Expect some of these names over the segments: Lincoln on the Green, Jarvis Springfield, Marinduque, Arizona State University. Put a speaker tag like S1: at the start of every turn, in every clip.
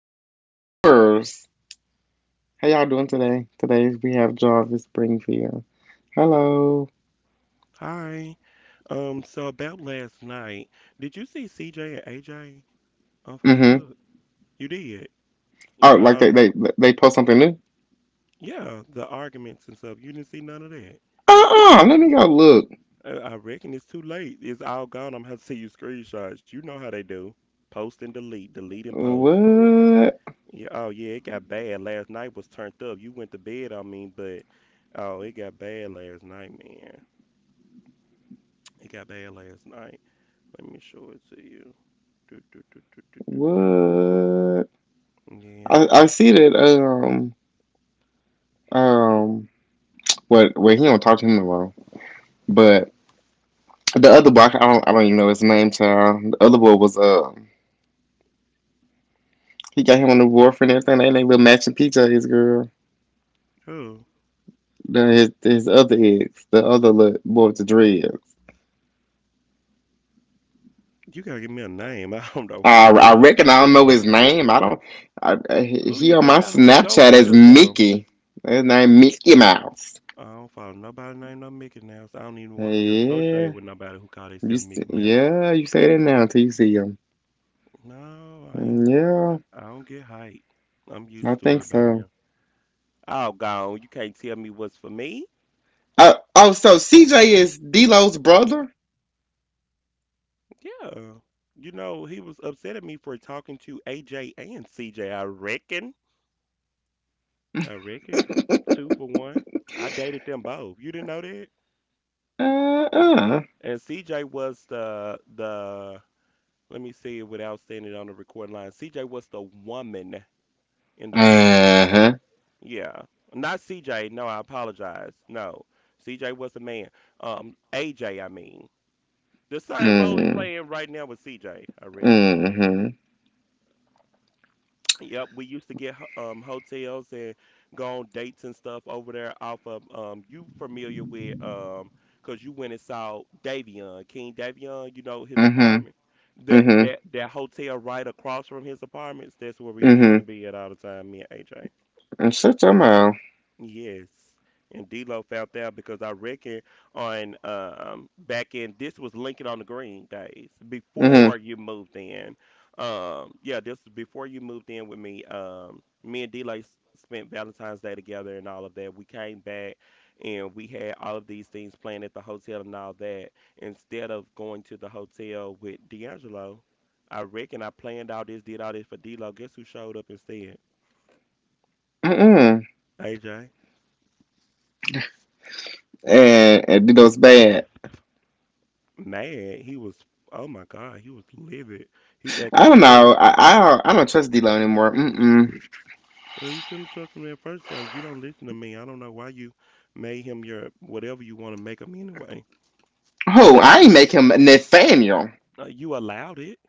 S1: listeners and viewers. How y'all doing today? Today we have Jarvis Springfield. Hello.
S2: Hi. So about last night, did you see CJ and AJ on Facebook?
S1: Mm-hmm.
S2: You did. You
S1: Oh,
S2: saw,
S1: like they post something new?
S2: yeah, the arguments and stuff. You didn't see none of that.
S1: Uh-uh. Let me go look.
S2: I reckon it's too late. It's all gone. I'm gonna have to see you screenshots. You know how they do. Post and delete, delete and post.
S1: What?
S2: Yeah, oh yeah, it got bad. Last night was turned up. You went to bed, I mean, but oh, it got bad last night, man. It got bad last night. Let me show it to you. Do, do, do, do, do, do,
S1: What?
S2: do. Yeah.
S1: I see that um what wait he don't talk to him tomorrow. But the other boy, I don't even know his name, child. The other boy was he got him on the board for and everything. They ain't they little matching PJs, girl.
S2: Oh.
S1: The, his other ex, the other little boy with the dreads.
S2: You gotta give me a name. I don't know who
S1: I
S2: you
S1: I
S2: talking.
S1: reckon I don't know his name. I don't.
S2: Who
S1: He
S2: you
S1: on my
S2: talking about? Who he go
S1: Snapchat
S2: with
S1: as
S2: or something?
S1: Mickey. His name Mickey Mouse.
S2: I don't follow nobody named no Mickey Mouse. I don't even want to
S1: Hey,
S2: be associated
S1: yeah,
S2: with nobody who call themselves Mickey Mouse.
S1: yeah you say that now until you see him.
S2: No, I ain't. I,
S1: Mm,
S2: I don't get hype. I'm
S1: yeah, I
S2: used to it
S1: think
S2: by now.
S1: so.
S2: Oh, gone. You can't tell me what's for me.
S1: Oh, so CJ is D-Lo's brother?
S2: Yeah. You know, he was upset at me for talking to AJ and CJ, I reckon. I reckon. Two for one. I dated them both. You didn't know that?
S1: Uh-uh.
S2: And CJ was the— let me say it without saying it on the record line. CJ was the woman in the role.
S1: Uh-huh.
S2: Yeah. Not CJ. No, I apologize. No. CJ was the man. AJ. I mean. The same role he
S1: Mm.
S2: playing right now with CJ. I reckon. Yeah.
S1: Mm-hmm.
S2: Yep, we used to get hotels and go on dates and stuff over there off of you familiar with cuz you went and saw Davion, King Davion, you know his
S1: Mm-hmm.
S2: apartment. That
S1: Mm-hmm.
S2: that that hotel right across from his apartments, that's where we used
S1: Mm-hmm.
S2: to be at all the time, me and AJ.
S1: And shut your mouth.
S2: Yes. And D'Lo found out because I reckon on back in, this was Lincoln on the Green days before
S1: Mm-hmm.
S2: you moved in. Yeah, this was before you moved in with me. Me and D'Lo spent Valentine's Day together and all of that. We came back and we had all of these things planned at the hotel and all that. Instead of going to the hotel with D'Angelo, I reckon I planned all this, did all this for D'Lo. Guess who showed up instead?
S1: Mm-mm.
S2: AJ.
S1: And D'Lo's bad.
S2: Mad. He was, oh my God, he was livid. He acted
S1: I
S2: a
S1: don't
S2: fool.
S1: know. I don't trust D'Lo anymore. Mm-mm.
S2: You shouldn't trust him in the first place. You don't listen to me. I don't know why you made him your whatever you want to make him anyway.
S1: Who I ain't make him Nathaniel.
S2: You allowed it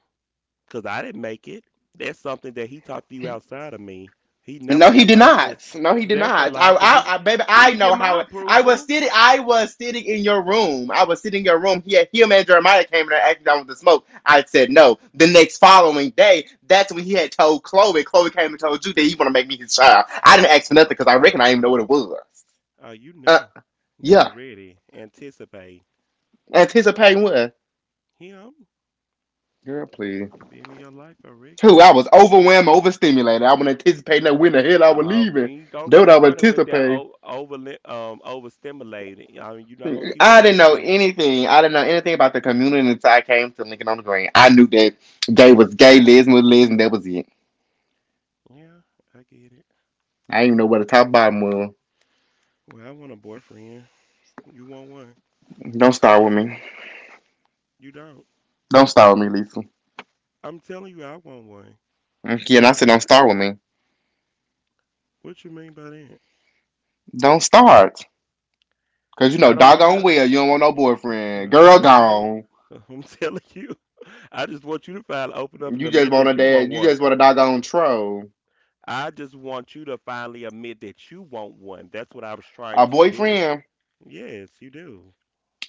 S2: because I didn't make it. That's something that he talked to you outside of me. He never
S1: No, he
S2: got
S1: did
S2: my approval.
S1: not. No, he did
S2: That's a
S1: not.
S2: lie
S1: I,
S2: because he
S1: I, I baby,
S2: he
S1: I
S2: didn't get
S1: know how.
S2: my
S1: It, I was
S2: approval.
S1: sitting. I was sitting in your room. I was sitting in your room. He, had- him and Jeremiah came in there acting out with the smoke. I said no. The next following day, that's when he had told Chloe. Chloe came and told you that he want to make me his child. I didn't ask for nothing because I reckon I didn't even know what it was.
S2: You
S1: Uh,
S2: knew. You were
S1: yeah,
S2: ready, anticipate
S1: anticipating what?
S2: him
S1: Girl, please.
S2: being in your life already.
S1: Two, I was overwhelmed, overstimulated. I wasn't anticipating that when the hell I was
S2: You
S1: leaving.
S2: ain't gonna
S1: That what
S2: keep
S1: I was
S2: running with that
S1: anticipating.
S2: overstimulated. I mean, you're not gonna keep
S1: I
S2: running
S1: didn't
S2: with
S1: know
S2: that narrative.
S1: anything. I didn't know anything about the community until I came to Lincoln on the Green. I knew that gay was gay, lesbian was lesbian. That was it.
S2: Yeah, I get it.
S1: I didn't even know where
S2: Mm.
S1: the top bottom was.
S2: Well, I want a boyfriend. You want one?
S1: Don't start with me.
S2: You don't.
S1: Don't start with me, Lisa.
S2: I'm telling you, I want one.
S1: Yeah, and I said don't start with me.
S2: What you mean by that?
S1: Don't start. Cause you know,
S2: I don't know
S1: doggone
S2: how.
S1: well, you don't want no
S2: Well,
S1: boyfriend.
S2: I'm
S1: Girl
S2: telling you.
S1: gone.
S2: I'm telling you. I just want you to finally open up and
S1: You just
S2: admit
S1: want a
S2: that you want
S1: dad. You
S2: one.
S1: just want a doggone troll.
S2: I just want you to finally admit that you want one. That's what I was trying
S1: A
S2: to do.
S1: boyfriend.
S2: Yes, you do.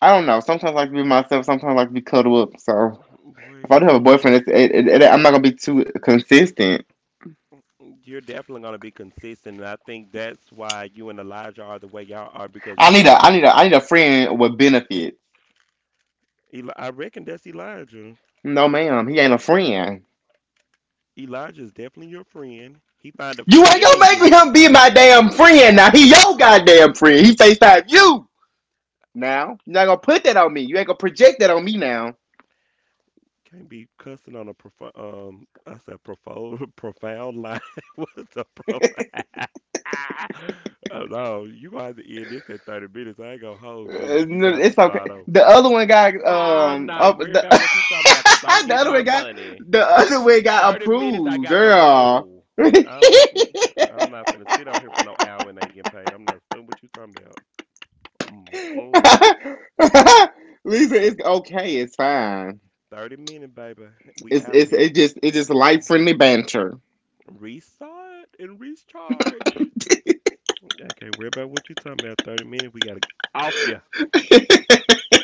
S1: I don't know. Sometimes I like to be myself. Sometimes I like to be cuddled up. So if
S2: Boy,
S1: I do have a
S2: you
S1: boyfriend, it's, it, I'm not gonna be too consistent.
S2: You're definitely going to be consistent. And I think that's why you and Elijah are the way y'all are because and
S1: I need a friend with benefits.
S2: I reckon that's Elijah.
S1: No, ma'am, he ain't a friend.
S2: Elijah is definitely your friend. He find a
S1: You ain't
S2: friend
S1: gonna
S2: in
S1: make
S2: you.
S1: me him be my damn friend. Now he your goddamn friend. He Facetime you. Now you're not gonna put that on me. You ain't gonna project that on me now.
S2: Can't be cussing on a I said profound, profound line. What's a profound? Oh, no, you gonna have to end this at 30 minutes. I ain't gonna hold you. You
S1: No,
S2: gonna have to
S1: it's okay.
S2: start over.
S1: The other one got
S2: I'm not
S1: up
S2: worried
S1: the.
S2: about what you talking about because I'm
S1: the
S2: getting
S1: other
S2: my
S1: way got
S2: money.
S1: the other way got
S2: 30 minutes. I
S1: approved,
S2: got the
S1: girl.
S2: roll. I'm I'm not finna sit out here for no hour and ain't getting paid. I'm not studying what you talking about. Mm, mm.
S1: Lisa, it's okay. It's fine.
S2: 30 minutes, baby. We out of here.
S1: It's just life friendly banter.
S2: Restart and recharge. I can't worry about what you talking about. 30 minutes. We gotta off you.
S1: Oh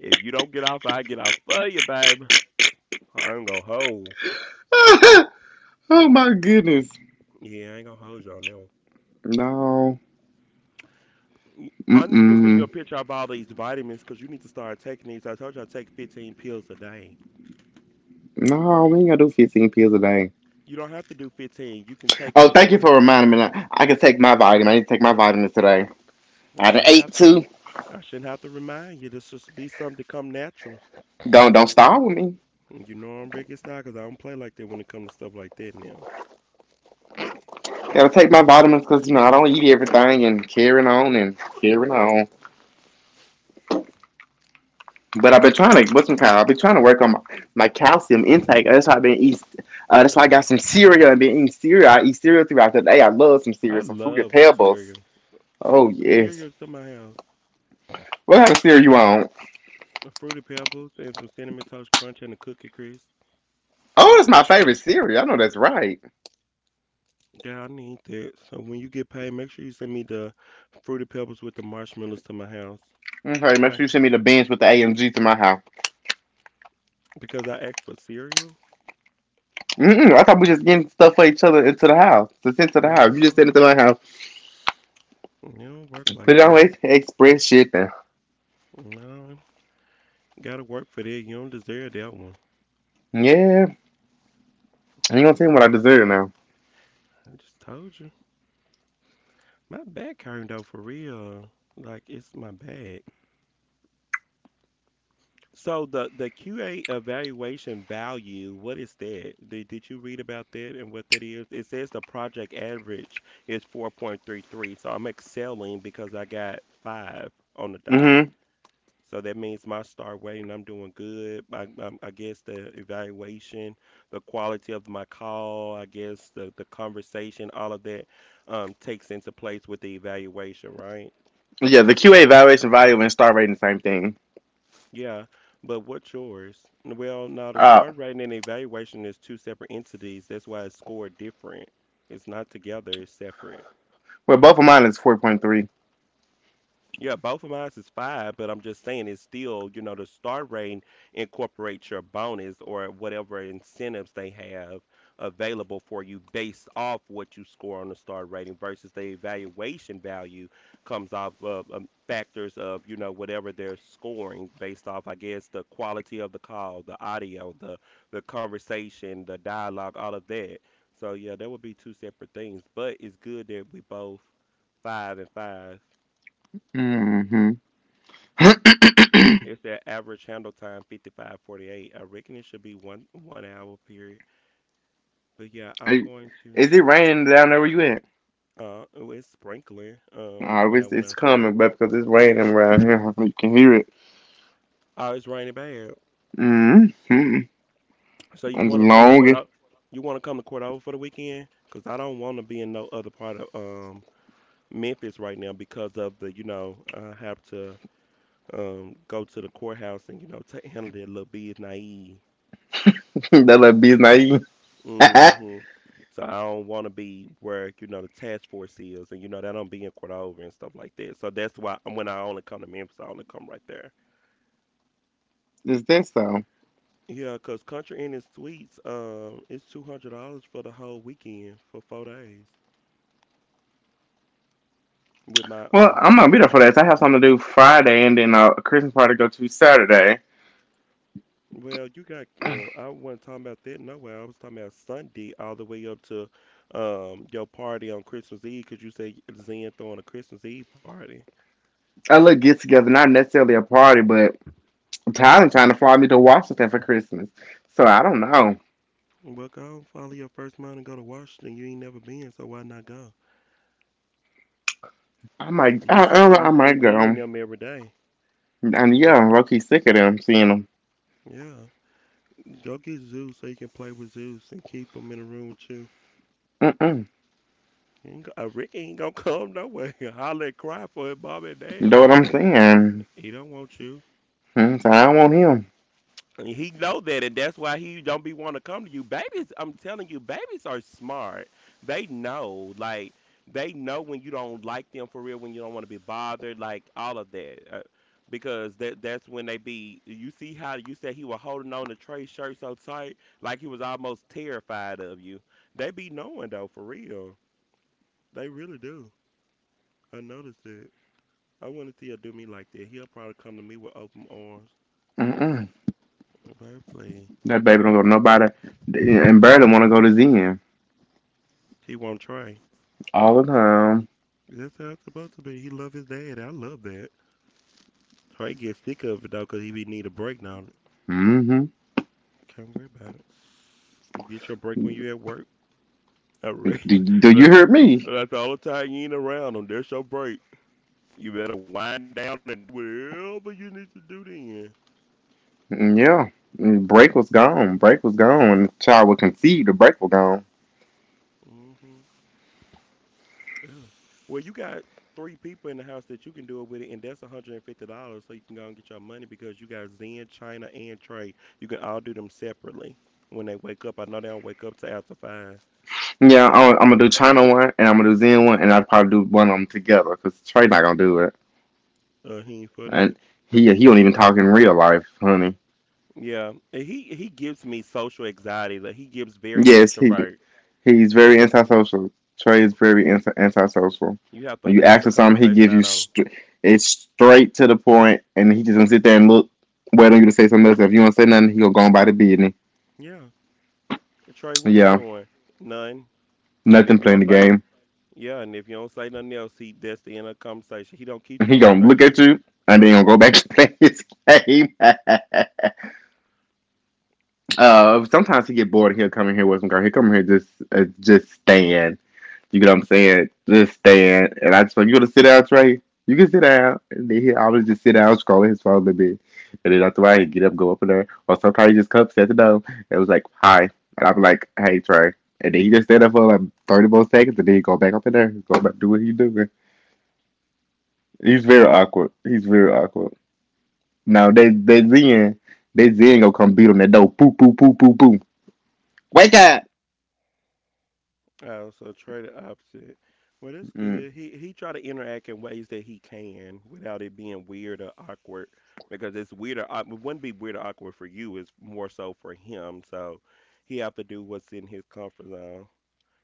S2: If you don't get off, I get off for you, baby. I ain't gonna hold.
S1: my goodness.
S2: Yeah, I ain't gonna hold y'all now.
S1: No.
S2: I need to send you a
S1: Mm-mm.
S2: picture of all these vitamins because you need to start taking these. I told you I take 15 pills a day.
S1: No, we ain't gonna do 15 pills a day.
S2: You don't have to do 15. You can take
S1: Oh, thank you
S2: according
S1: for
S2: to what
S1: reminding
S2: you.
S1: me. I can take my vitamin. I need to take my vitamins today.
S2: I
S1: I done
S2: shouldn't
S1: ate
S2: have.
S1: two.
S2: I shouldn't have to remind you. This should be something to come natural.
S1: Don't start with me.
S2: You know I'm big in style 'cause I don't play like that when it comes to stuff like that. Now
S1: Gotta take my vitamins because you know I don't eat everything and carrying on and carrying on. But I've been trying to what's some kind. I've been trying to work on my calcium intake. That's why I've been eating. That's why I got some cereal and been eating cereal. I eat cereal throughout the day. I love some
S2: I
S1: cereal, some fruity
S2: love
S1: pebbles.
S2: cereal. Send
S1: Oh
S2: me some
S1: yes.
S2: cereal to my house.
S1: What kind of cereal you on?
S2: Fruity Pebbles and some Cinnamon Toast Crunch and a Cookie Crisp.
S1: Oh, it's my favorite cereal. I know that's right.
S2: Yeah, I need that. So when you get paid, make sure you send me the Fruity Pebbles with the marshmallows to my house.
S1: Okay, make
S2: Okay?
S1: sure you send me the bins with the AMG to my house.
S2: Because I asked for cereal.
S1: Mm-mm, I thought we just getting stuff for each other into the house. To send to the house. You just send it
S2: No,
S1: to my house.
S2: it don't work like
S1: Put it on
S2: that.
S1: express shipping.
S2: No, gotta work for that. You don't deserve that one.
S1: Yeah, you ain't gonna tell me what I deserve now.
S2: I just told you. My back hurting though for real. Like it's my back. So the QA evaluation value, what is that? Did you read about that and what that is? It says the project average is 4.33. So I'm excelling because I got 5 on the dot.
S1: Mm-hmm.
S2: So that means my star rating, I'm doing good. I guess the evaluation, the quality of my call, I guess the conversation, all of that takes into place with the evaluation, right?
S1: Yeah, the QA evaluation value and star rating, same thing.
S2: Yeah. But what's yours? Well, no, the
S1: Uh,
S2: star rating and evaluation is two separate entities. That's why it's scored different. It's not together, it's separate.
S1: Well, both of mine is 4.3. point
S2: Yeah, both of mine is 5, but I'm just saying it's still, the star rating incorporates your bonus or whatever incentives they have available for you based off what you score on the star rating versus the evaluation value comes off of factors of, whatever they're scoring based off, I guess, the quality of the call, the audio, the conversation, the dialogue, all of that. So yeah, that would be two separate things, but it's good that we both 5 and 5.
S1: hmm
S2: It's their average handle time, 55:48. I reckon it should be one one hour period. But yeah, I'm going to.
S1: Is it raining down there where you at?
S2: Oh, it's sprinkling.
S1: No,
S2: When I
S1: it's,
S2: went
S1: it's
S2: outside,
S1: coming, but because it's raining around here, you can hear it.
S2: oh, it's raining bad.
S1: Mm-hmm.
S2: So you
S1: I'm just
S2: want to come to court
S1: longing.
S2: out? You want to come to court over for the weekend? Cause I don't want to be in no other part of Memphis right now because of the I have to go to the courthouse and ta handle that little biz naive.
S1: That little be naive.
S2: Hmm. So I don't want to be where, the task force is and, that I'm being quit over and stuff like that. So that's why when I only come to Memphis, I only come right there.
S1: Is that so?
S2: Yeah, 'cause Country Inn and Suites, it's $200 for the whole weekend for 4 days with my
S1: Well, I'm not be there
S2: discount.
S1: for that. I have something to do Friday and then a Christmas party to go to Saturday.
S2: Well, you got, I wasn't talking about that nowhere. I was talking about Sunday all the way up to your party on Christmas Eve 'cause you said Zen throwing a Christmas Eve party.
S1: A little get together, not necessarily a party, but Tyler trying to fly me to Washington for Christmas. So I don't know.
S2: Well, go and follow your first mind and go to Washington. You ain't never been, so why not go?
S1: I might,
S2: You s- you
S1: I
S2: seen
S1: might
S2: Z and
S1: go.
S2: them every day.
S1: And yeah,
S2: Ricky.
S1: I'm low key sick of them seeing him.
S2: Yeah, go get Zeus so you can play with Zeus and keep him in the room with you.
S1: Mm-mm.
S2: He ain't go- Rick ain't gonna come nowhere. Holler and cry for his mom and
S1: You
S2: dad.
S1: know what I'm saying?
S2: He don't want you.
S1: Mm, so I don't want him.
S2: And he know that, and that's why he don't be want to come to you. Babies, I'm telling you, babies are smart. They know, like they know when you don't like them for real, when you don't want to be bothered, like all of that. Because that's when they be. You see how you said he was holding on to Trey's shirt so tight, like he was almost terrified of you. They be knowing though, for real. They really do. I noticed it. I want to see her do me like that. He'll probably come to me with open arms.
S1: Mm-mm.
S2: Baby, please.
S1: That
S2: The
S1: baby
S2: way
S1: don't
S2: I-
S1: go to nobody. And Birdie want to go to Zen
S2: he won't try.
S1: all the time.
S2: That's how it's supposed to be. He love his dad. I love that. Trey gets sick of it though, 'cause he be need a break now.
S1: Mm-hmm.
S2: Can't worry about it. You get your break when you at work. I read
S1: Do, do you
S2: that's
S1: hear me?
S2: that's all the time you ain't around them. That's your break. You better wind down and do whatever you need to do then.
S1: Mm, yeah. Mm, break was gone. Break was gone. When the child would concede the break was gone.
S2: Mm-hmm. Mm-hmm. Yeah. Well, you got three people in the house that you can do it with, it, and that's $150, so you can go and get your money because you got Zen, China, and Trey. You can all do them separately when they wake up. I know they don't wake up till after 5.
S1: Yeah, I'm gonna do China one and I'm gonna do Zen one and I'll probably do one of them together because Trey not gonna do it.
S2: He ain't for
S1: And
S2: that.
S1: he don't even talk in real life, honey.
S2: Yeah, and he gives me social anxiety. Like he gives very
S1: Yes, he.
S2: introvert.
S1: He's very antisocial. Trey is very antisocial.
S2: You have to
S1: When you ask
S2: force a
S1: for something, he
S2: conversation
S1: gives you
S2: out on him.
S1: it's straight to the point, and he just gonna sit there and look, waiting on you to say something else. If you don't say nothing, he gonna go on by the business.
S2: Yeah, Trey, what you
S1: Yeah,
S2: doing? None. And
S1: nothing
S2: if you
S1: playing the
S2: don't say
S1: game.
S2: yeah, and if you don't say nothing else, he that's the end of the conversation. He don't keep the
S1: He gonna look at
S2: conversation.
S1: you, and then gonna go back to play his game. Uh, sometimes he get bored. He'll come in here with some girl. He come in here just stand. You get what I'm saying? Just stand. And I just like, you want to sit down, Trey? You can sit down. And then he always just sit down, scrolling his phone a little bit. And then after I get up, go up in there. Or sometimes he just comes at the door and was like, hi. And I'm like, hey, Trey. And then he just stand up for like 30 more seconds and then he go back up in there. He go back do what he doing. He's very awkward. He's very awkward. Now, they Zen gonna come beat on that door. Poo, poo, poo, poo, poo. Wake up!
S2: Oh, so Trey the opposite. Well, that's
S1: Mm.
S2: good. He try to interact in ways that he can without it being weird or awkward because it's weird or it wouldn't be weird or awkward for you. It's more so for him. So he have to do what's in his comfort zone.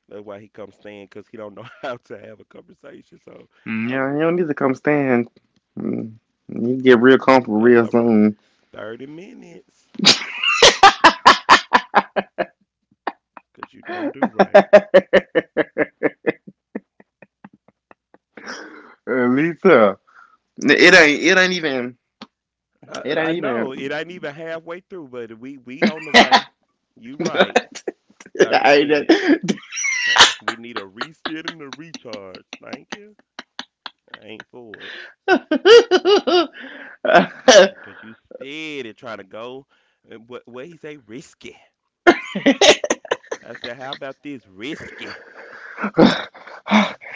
S2: That's why he comes staying because he don't know how to have a conversation. So
S1: Mm,
S2: I,
S1: yeah, you don't need to come stand. Mm, you need to get real
S2: r
S1: comfortable
S2: that's
S1: real
S2: all right.
S1: soon.
S2: 30 minutes because you don't do right.
S1: Lisa, it
S2: I,
S1: ain't. It ain't even. It ain't
S2: I
S1: even.
S2: know it ain't even halfway through, but we on the way. You right. Thirty
S1: I ain't.
S2: minutes.
S1: That-
S2: We need a reset and a recharge. Thank you. I ain't for it. Because you steady trying to go. What he say? Risky. I said, how about this? Risky.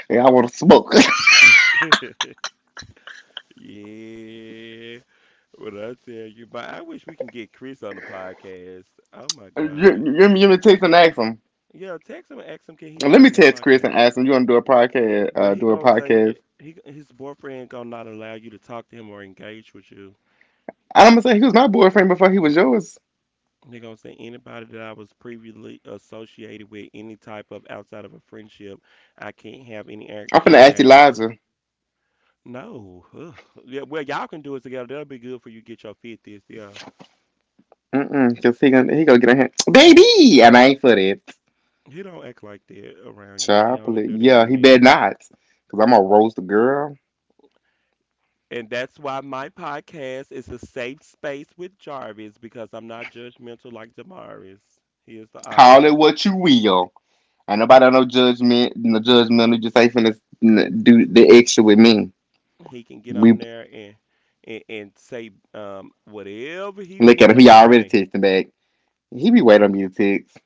S1: Yeah, I want to smoke.
S2: Yeah. What I tell you, but I wish we can get Chris on the podcast. Oh my
S1: you,
S2: God.
S1: you, you you me text and ask him.
S2: Yeah, text him and ask him can he
S1: Let me
S2: join the
S1: text Chris
S2: podcast.
S1: and ask him. You want to do a podcast?
S2: But he
S1: Do a
S2: gonna say
S1: podcast?
S2: that he his boyfriend gonna not allow you to talk to him or engage with you.
S1: I'm gonna say he was my boyfriend before he was yours.
S2: They're gonna say anybody that I was previously associated with, any type of outside of a friendship, I can't have any
S1: I'm finna ask
S2: interactions with.
S1: Elijah.
S2: No. Ugh. Yeah, well, y'all can do it together. That'll be good for you get your fifties. Yeah.
S1: Mm-mm, cause he gonna get in hand, baby, and I ain't for that
S2: He don't act like that around you. He only
S1: chocolate.
S2: do that with
S1: Yeah, he
S2: me.
S1: better not, cause I'm gonna roast the girl.
S2: And that's why my podcast is a safe space with Jarvis because I'm not judgmental like Damaris. He is the
S1: Call it
S2: opposite.
S1: what you will, and nobody
S2: He
S1: no judgment, no judgmental. Just ain't finna do the extra with me.
S2: he can get on
S1: We
S2: there and say whatever he
S1: look at him.
S2: will
S1: He
S2: and he
S1: already
S2: may.
S1: texting back. He be waiting on me to text.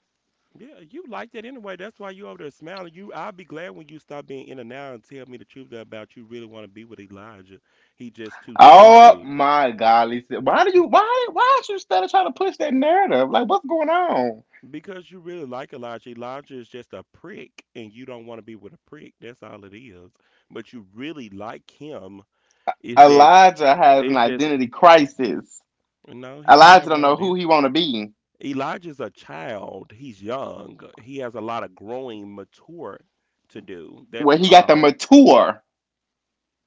S2: Yeah, you like that anyway. That's why you over there smiling. You, I'll be glad when you stop being in and out and tell me the truth about you really want to be with Elijah. He just too
S1: Oh
S2: stupid.
S1: my God, Lisa, why should you study trying to push that narrative? Like what's going on?
S2: Because you really like Elijah. Elijah is just a prick, and you don't want to be with a prick. That's all it is. But you really like him. It's just,
S1: Elijah has an
S2: it's just.
S1: identity crisis.
S2: No, he don't
S1: Elijah
S2: have
S1: don't
S2: no
S1: know who
S2: idea.
S1: he want to be.
S2: Elijah's a child. He's young. He has a lot of growing, mature to do.
S1: Where
S2: That's
S1: he got the
S2: all.
S1: mature.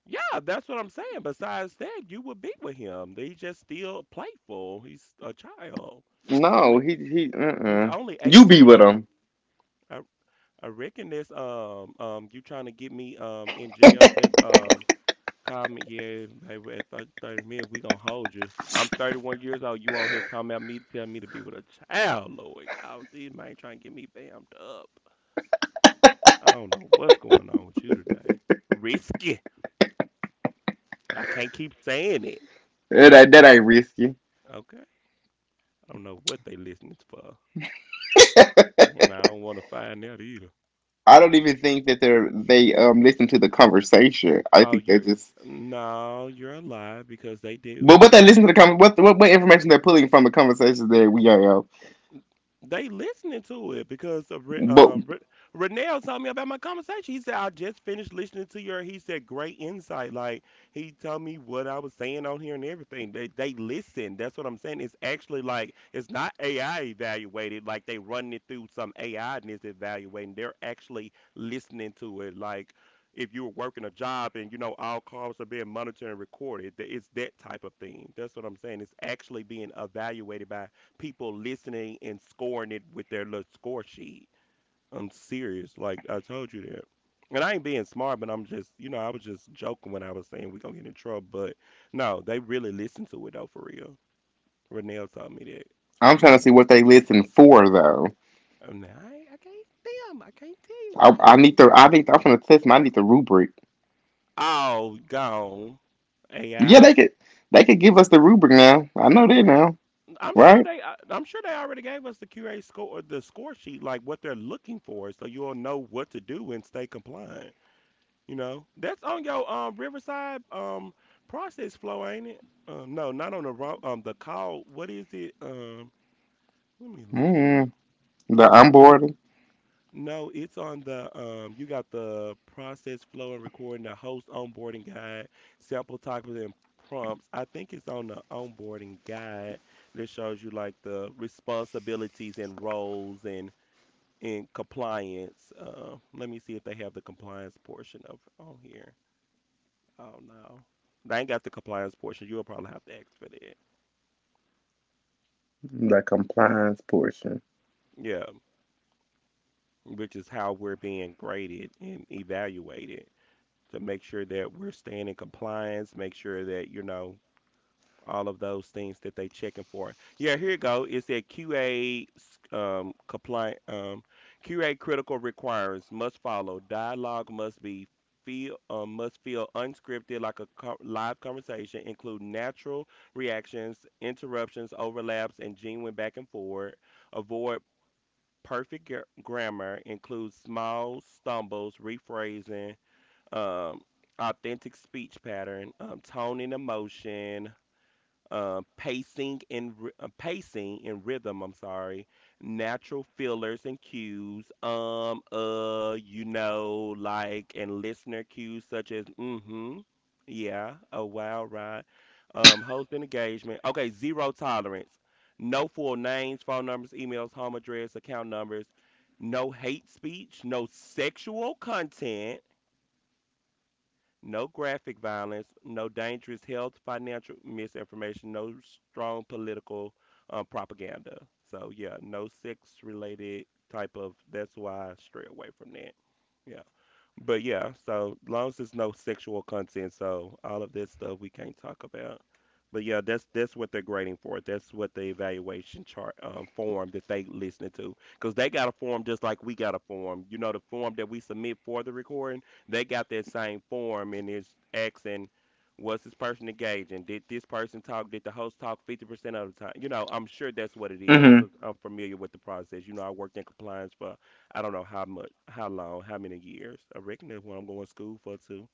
S2: Yeah, that's what I'm saying. Besides that, you would be with him. He's just still playful. He's a child. He's
S1: No,
S2: only
S1: he he.
S2: he's
S1: Uh-uh.
S2: only
S1: You be with
S2: 18.
S1: him.
S2: I, I reckon this you trying to get me in jail. That's comment. Yeah, baby. At 30 minutes, we gonna hold you. I'm 31 years old. You on here talking about me, telling me to be with a child, Lord. Y'all, these man trying to get me bammed up. I don't know what's going on with you today. Risky. I can't keep saying it.
S1: That ain't risky.
S2: Okay. I don't know what they listening for, and I don't want to find out either.
S1: I don't even think that they listen to the conversation. I
S2: Oh,
S1: think they
S2: you're
S1: just
S2: no, you're a lie because they do
S1: but what they
S2: because
S1: listen to the com what information they're pulling from the conversations that we have.
S2: they listening to it because of
S1: But
S2: Renell told me about my conversation. He said I just finished listening to your. He said great insight. Like he told me what I was saying on here and everything. They listen. That's what I'm saying. It's actually like it's not AI evaluated. Like they running it through some AI and it's evaluating. They're actually listening to it. Like if you were working a job and you know all calls are being monitored and recorded. It's that type of thing. That's what I'm saying. It's actually being evaluated by people listening and scoring it with their little score sheet. I'm serious. Like I told you that. And I ain't being smart, but I'm just, you know, I was just joking when I was saying we gonna get in trouble. But no, they really listen to it though, for real. Renell told me that
S1: I'm
S2: when
S1: trying to
S2: they,
S1: see what they listen for though.
S2: I'm like, I, ain't- I can't, damn, I can't tell you what
S1: I,
S2: they
S1: I
S2: doing.
S1: need the I think I'm gonna test them. I need the rubric.
S2: Oh, gone.
S1: Yeah,
S2: AI.
S1: they could give us the rubric now. I know that now,
S2: I'm sure
S1: right?
S2: they. I'm sure they already gave us the QA score, the score sheet, like what they're looking for, so you'll know what to do and stay compliant. You know, that's on your Riverside process flow, ain't it? No, not on the wrong, the call. What is it? Let me look it
S1: Mm,
S2: up.
S1: the onboarding,
S2: No, it's on the you got the process flow and recording, the host onboarding guide, sample topics and prompts. I think it's on the onboarding guide that shows you like the responsibilities and roles and compliance. Let me see if they have the compliance portion of on here. Oh no. They ain't got the compliance portion. You'll probably have to ask for that.
S1: the compliance portion.
S2: Yeah, which is how we're being graded and evaluated to make sure that we're staying in compliance, make sure that, you know, all of those things that they checking for. Yeah, here you go. It said QA compliant QA critical requirements must follow. Dialogue must feel unscripted like a live conversation. Include natural reactions, interruptions, overlaps, and genuine back and forth. Avoid perfect grammar. Include small stumbles, rephrasing. Um, authentic speech pattern tone and emotion pacing and pacing and rhythm. I'm sorry, natural fillers and cues. You know, like and listener cues such as mm-hmm, yeah, a wow, right. Host and engagement. Okay, zero tolerance. No full names, phone numbers, emails, home address, account numbers. No hate speech. No sexual content no graphic violence, no dangerous health, financial misinformation, no strong political propaganda. So yeah, no sex related type of. That's why I stray away from that. Yeah. But yeah, so long as there's no sexual content, so all of this stuff we can't talk about. But yeah, that's what they're grading for. That's what the evaluation chart form that they listening to, because they got a form just like we got a form. You know, the form that we submit for the recording, they got that same form, and it's asking, was this person engaging? Did this person talk? Did the host talk 50% of the time? You know, I'm sure that's what it is,
S1: Mm-hmm.
S2: because I'm familiar with the process. You know, I worked in compliance for I don't know how much, how long, how many years. I reckon that's what I'm going to school for too.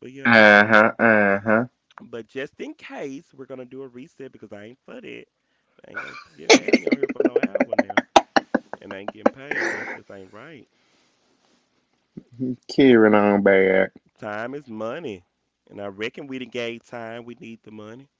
S2: But yeah, we should be sure.
S1: Uh-huh. Uh-huh.
S2: But just in case, we're gonna do a reset because I ain't for that. They ain't gonna get, have me on here for no hour now, and I ain't getting paid. That's just ain't right.
S1: Carrying on back.
S2: Time is money, and I reckon we done gave time. We need the money.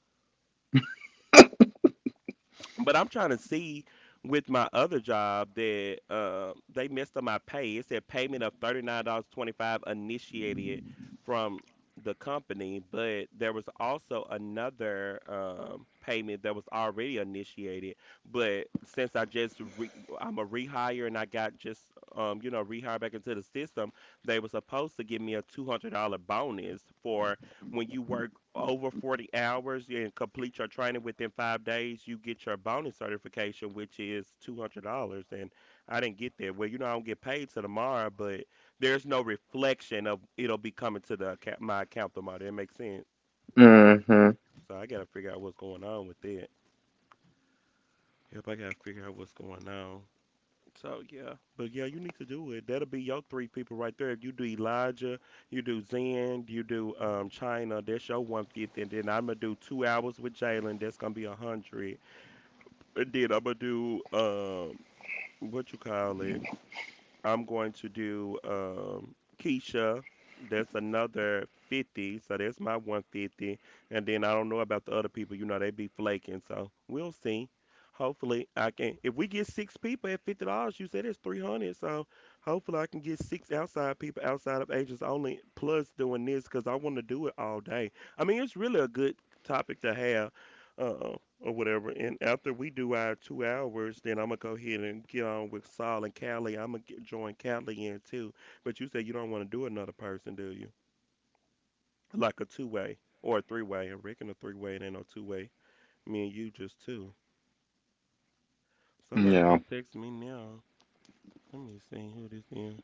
S2: But I'm trying to see with my other job that they messed up my pay. It said payment of $39.25 initiated from the company, but there was also another payment that was already initiated. But since I just I'm a rehire and I got just you know rehired back into the system, they were supposed to give me a $200 bonus for when you work over 40 hours and complete your training within 5 days, you get your bonus certification, which is $200. And I didn't get that. Well, you know, I don't get paid till tomorrow, but there's no reflection of it'll be coming to the account, my account tomorrow. That makes sense.
S1: Mm-hmm.
S2: So I got to figure out what's going on with that. Yep, I got to figure out what's going on. So yeah, but yeah, you need to do it. That'll be your three people right there. If you do Elijah, you do Zen, you do China. That's your 150, and then I'm gonna do 2 hours with Jalen. That's gonna be a hundred. And then I'm gonna do what you call it. I'm going to do Keisha. That's another 50. So that's my 150. And then I don't know about the other people. You know, they be flaking. So we'll see. Hopefully, I can. If we get six people at $50, you said it's 300. So hopefully, I can get six outside people outside of agents only, plus doing this because I want to do it all day. I mean, it's really a good topic to have. Um, or whatever. And after we do our 2 hours, then I'm gonna go ahead and get on with Saul and Callie. I'm gonna get, join Callie in too. But you said you don't want to do another person, do you? Like a two way or a three way. I reckon a three way. It ain't no two way. Me and you just two. Somebody
S1: Yeah.
S2: just text me now. Let me see who this is.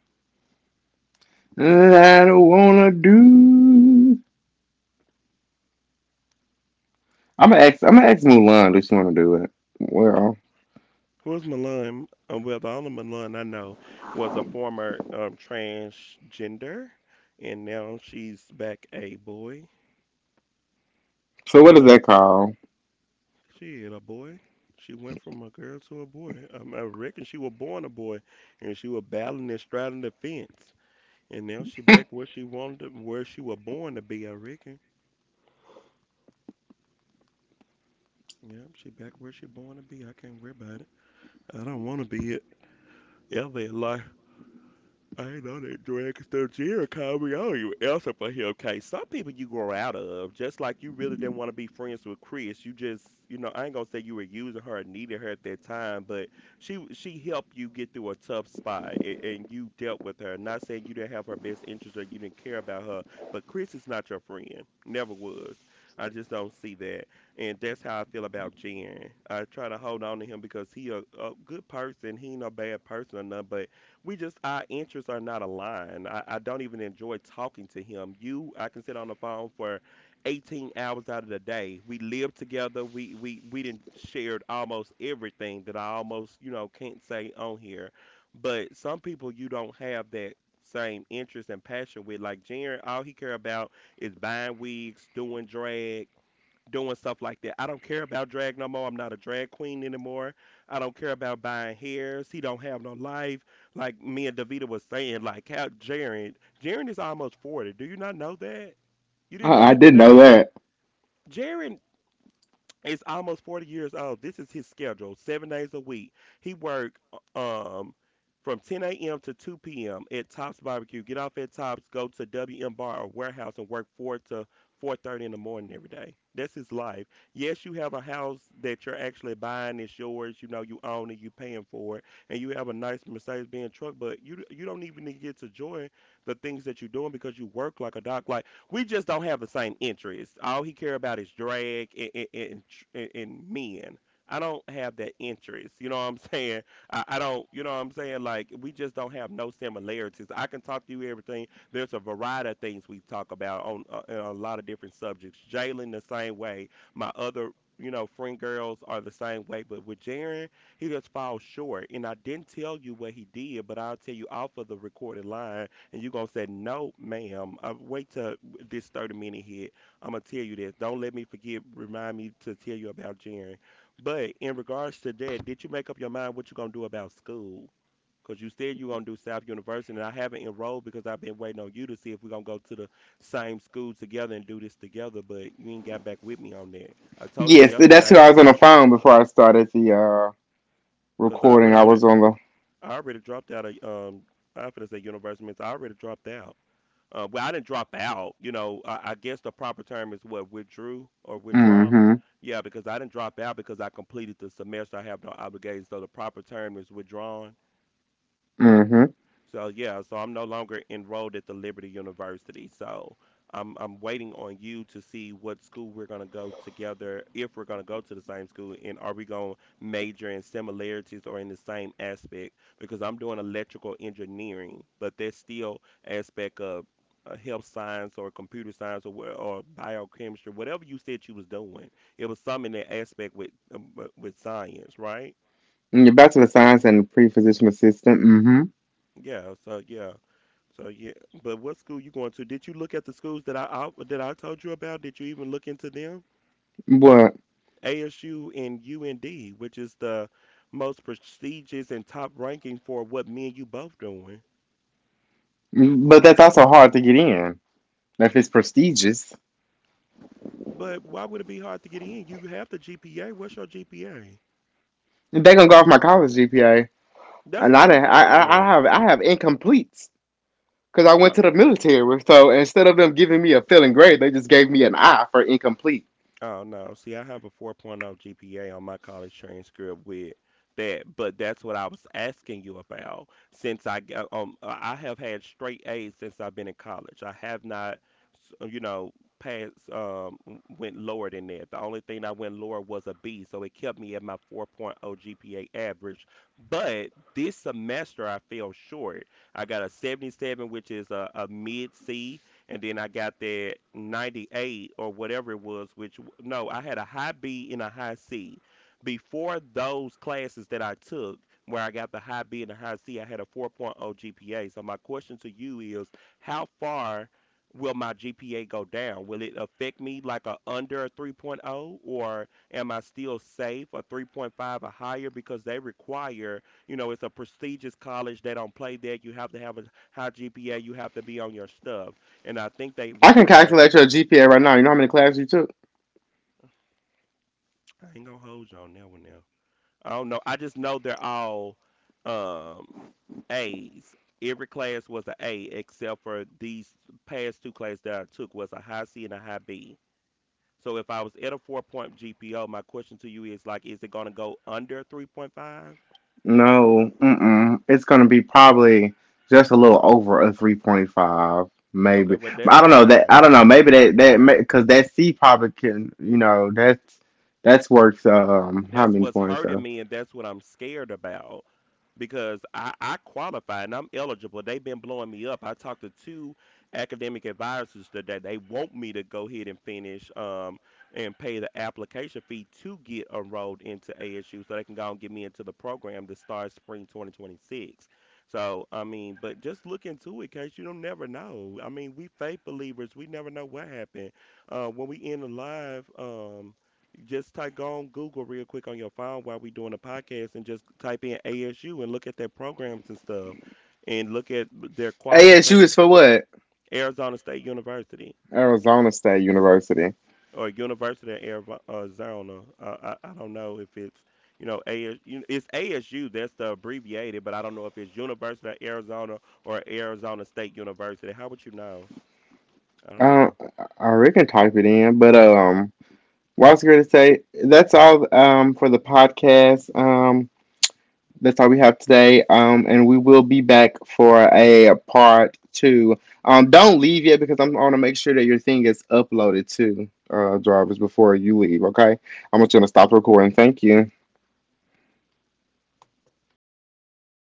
S1: I don't wanna do. I'm gonna ask Mulan. Does she wanna do it? Well,
S2: Who's Milan? Well, the only Milan I know was a former transgender, and now she's back a boy.
S1: so what is
S2: That I
S1: that called?
S2: shit, a boy. She went from a girl to a boy. I reckon she was born a boy, and she was battling and straddling the fence, and now she
S1: I,
S2: back where she wanted, to, where she was born to be. I reckon. Yep, she back where she born to be. I can't worry about it. I don't want to be it ever in life. I know that drag stuff Jerry called me. I you not answer for him. Okay, some people you grow out of, just like you really didn't want to be friends with Chris. You just, you know, I ain't gonna say you were using her and needed her at that time, but she helped you get through a tough spot, and you dealt with her. Not saying you didn't have her best interest or you didn't care about her, but Chris is not your friend. Never was. I just don't see that, and that's how I feel about Jen. I try to hold on to him because he a good person. He ain't no bad person or nothing, but we just our interests are not aligned. I don't even enjoy talking to him. You, I can sit on the phone for 18 hours out of the day. We lived together. We didn't shared almost everything that I almost you know can't say on here. But some people you don't have that same interest and passion with. Like Jared, all he care about is buying wigs, doing drag, doing stuff like that. I don't care about drag no more. I'm not a drag queen anymore. I don't care about buying hairs. He don't have no life. Like me and Davita was saying, like how Jared is almost 40. Do you not know that? You didn't know
S1: I
S2: he was
S1: didn't
S2: that
S1: know
S2: old.
S1: that.
S2: Jared is almost 40 years old. This is his schedule, seven days a week. He work uh, um from 10 a.m. to 2 p.m. at Tops Barbecue. Get off at Tops, go to WM Bar or Warehouse and work 4 to 4:30 in the morning every day. That's his life. Yes, you have a house that you're actually buying. It's yours. You know, you own it. You are paying for it. And you have a nice Mercedes-Benz truck, but you don't even get to enjoy the things that you're doing because you work like a dog. Like, we just don't have the same interests. All he care about is drag and, tr- and men. I don't have that interest. You know what I'm saying? I don't. You know what I'm saying? Like we just don't have no similarities. I can talk to you everything. There's a variety of things we talk about on in a lot of different subjects. Jalen the same way. My other. You know, friend girls are the same way, but with Jaren, he just falls short. And I didn't tell you what he did, but I'll tell you off of the recorded line and you're gonna say no ma'am I wait till this 30-minute hit, I'm going to tell you this. Don't let me forget, remind me to tell you about Jaren. But in regards to that, did you make up your mind what you going to do about school? Because you said you going to do South University, and I haven't enrolled because I've been waiting on you to see if we're going to go to the same school together and do this together, but you ain't got back with me on that. I told you
S1: Yes, that's who
S2: yesterday
S1: I was on the phone before I started the
S2: because I
S1: recording.
S2: went
S1: I
S2: on
S1: was
S2: it.
S1: on the.
S2: I already dropped out of, I was going to say university, means I already dropped out. Well, I didn't drop out. You know, I guess the proper term is what withdrew or withdraw.
S1: Mm-hmm.
S2: Yeah, because I didn't drop out because I completed the semester. I have no obligations. So the proper term is withdrawn.
S1: Mm-hmm.
S2: So yeah, so I'm no longer enrolled at the Liberty University. So I'm waiting on you to see what school we're gonna go together, if we're gonna go to the same school, and are we gonna major in similarities or in the same aspect? Because I'm doing electrical engineering, but there's still aspect of health science or computer science or or biochemistry, whatever you said you was doing. It was some in that aspect with science, right?
S1: Your Bachelor of Science and pre-physician assistant. Mm-hmm.
S2: Yeah. So yeah. So yeah, but what school you going to? Did you look at the schools that I that I told you about? Did you even look into them?
S1: But
S2: ASU and UND, which is the most prestigious and top ranking for what me and you both doing.
S1: that's also hard to get in. If it's prestigious,
S2: But why would it be hard to get in? You have the GPA. What's your GPA?
S1: they're gonna go off my college GPA.
S2: That's
S1: And
S2: what
S1: I
S2: I'm
S1: didn't, I, I I
S2: saying.
S1: have I have incompletes because I went to the military. So instead of them giving me a failing grade, they just gave me an I for incomplete.
S2: Oh no. See, I have a 4.0 GPA on my college transcript with that, but that's what I was asking you about. Since I I have had straight A's since I've been in college. I have not, you know, passed went lower than that. The only thing I went lower was a B, so it kept me at my 4.0 GPA average. But this semester I fell short. I got a 77, which is a mid C and then I got that 98 or whatever it was, which no, I had a high B and a high C. Before those classes that I took, where I got the high B and the high C, I had a 4.0 GPA. So my question to you is, how far will my GPA go down? Will it affect me like a under a 3.0 or am I still safe a 3.5 or higher because they require, you know, it's a prestigious college, they don't play that. You have to have a high GPA, you have to be on your stuff and I think they
S1: I
S2: want
S1: can
S2: you to have.
S1: calculate your GPA right now. You know how many classes you took?
S2: I ain't gonna hold you on that one now. I don't know. I just know they're all um A's. Every class was an A except for these past two classes that I took was a high C and a high B. So if I was at a 4.0 GPO, my question to you is like, is it gonna go under 3.5?
S1: No, mm-mm. It's gonna be probably just a little over a 3.5,
S2: Okay,
S1: maybe.
S2: well that's
S1: I don't know that.
S2: fine.
S1: I don't know. Maybe that because that C probably can. You know that's worth how
S2: That's
S1: many
S2: what's
S1: points?
S2: hurting
S1: So
S2: me, and that's what I'm scared about because I qualify and I'm eligible. They've been blowing me up. I talked to two academic advisors today. They want me to go ahead and finish and pay the application fee to get enrolled into ASU so they can go and get me into the program that starts spring 2026. So, I mean, but just look into it, case you don't never know. I mean, we faith believers, we never know what happened. When we end the live, just type go on Google real quick on your phone while we doing the podcast and just type in ASU and look at their programs and stuff and look at their
S1: ASU
S2: qualification.
S1: is for what?
S2: Arizona State University
S1: Arizona State University.
S2: or University of Arizona. I don't know if it's you know ASU. It's ASU. That's the abbreviated, but I don't know if it's University of Arizona or Arizona State University. How would you know? I don't
S1: Uh,
S2: know.
S1: I Rick can type it in, but what I was going to say, that's all for the podcast. That's all we have today. And we will be back for a part two. Don't leave yet because I'm going to make sure that your thing is uploaded to drivers before you leave. Okay, I'm just going to stop recording. Thank you.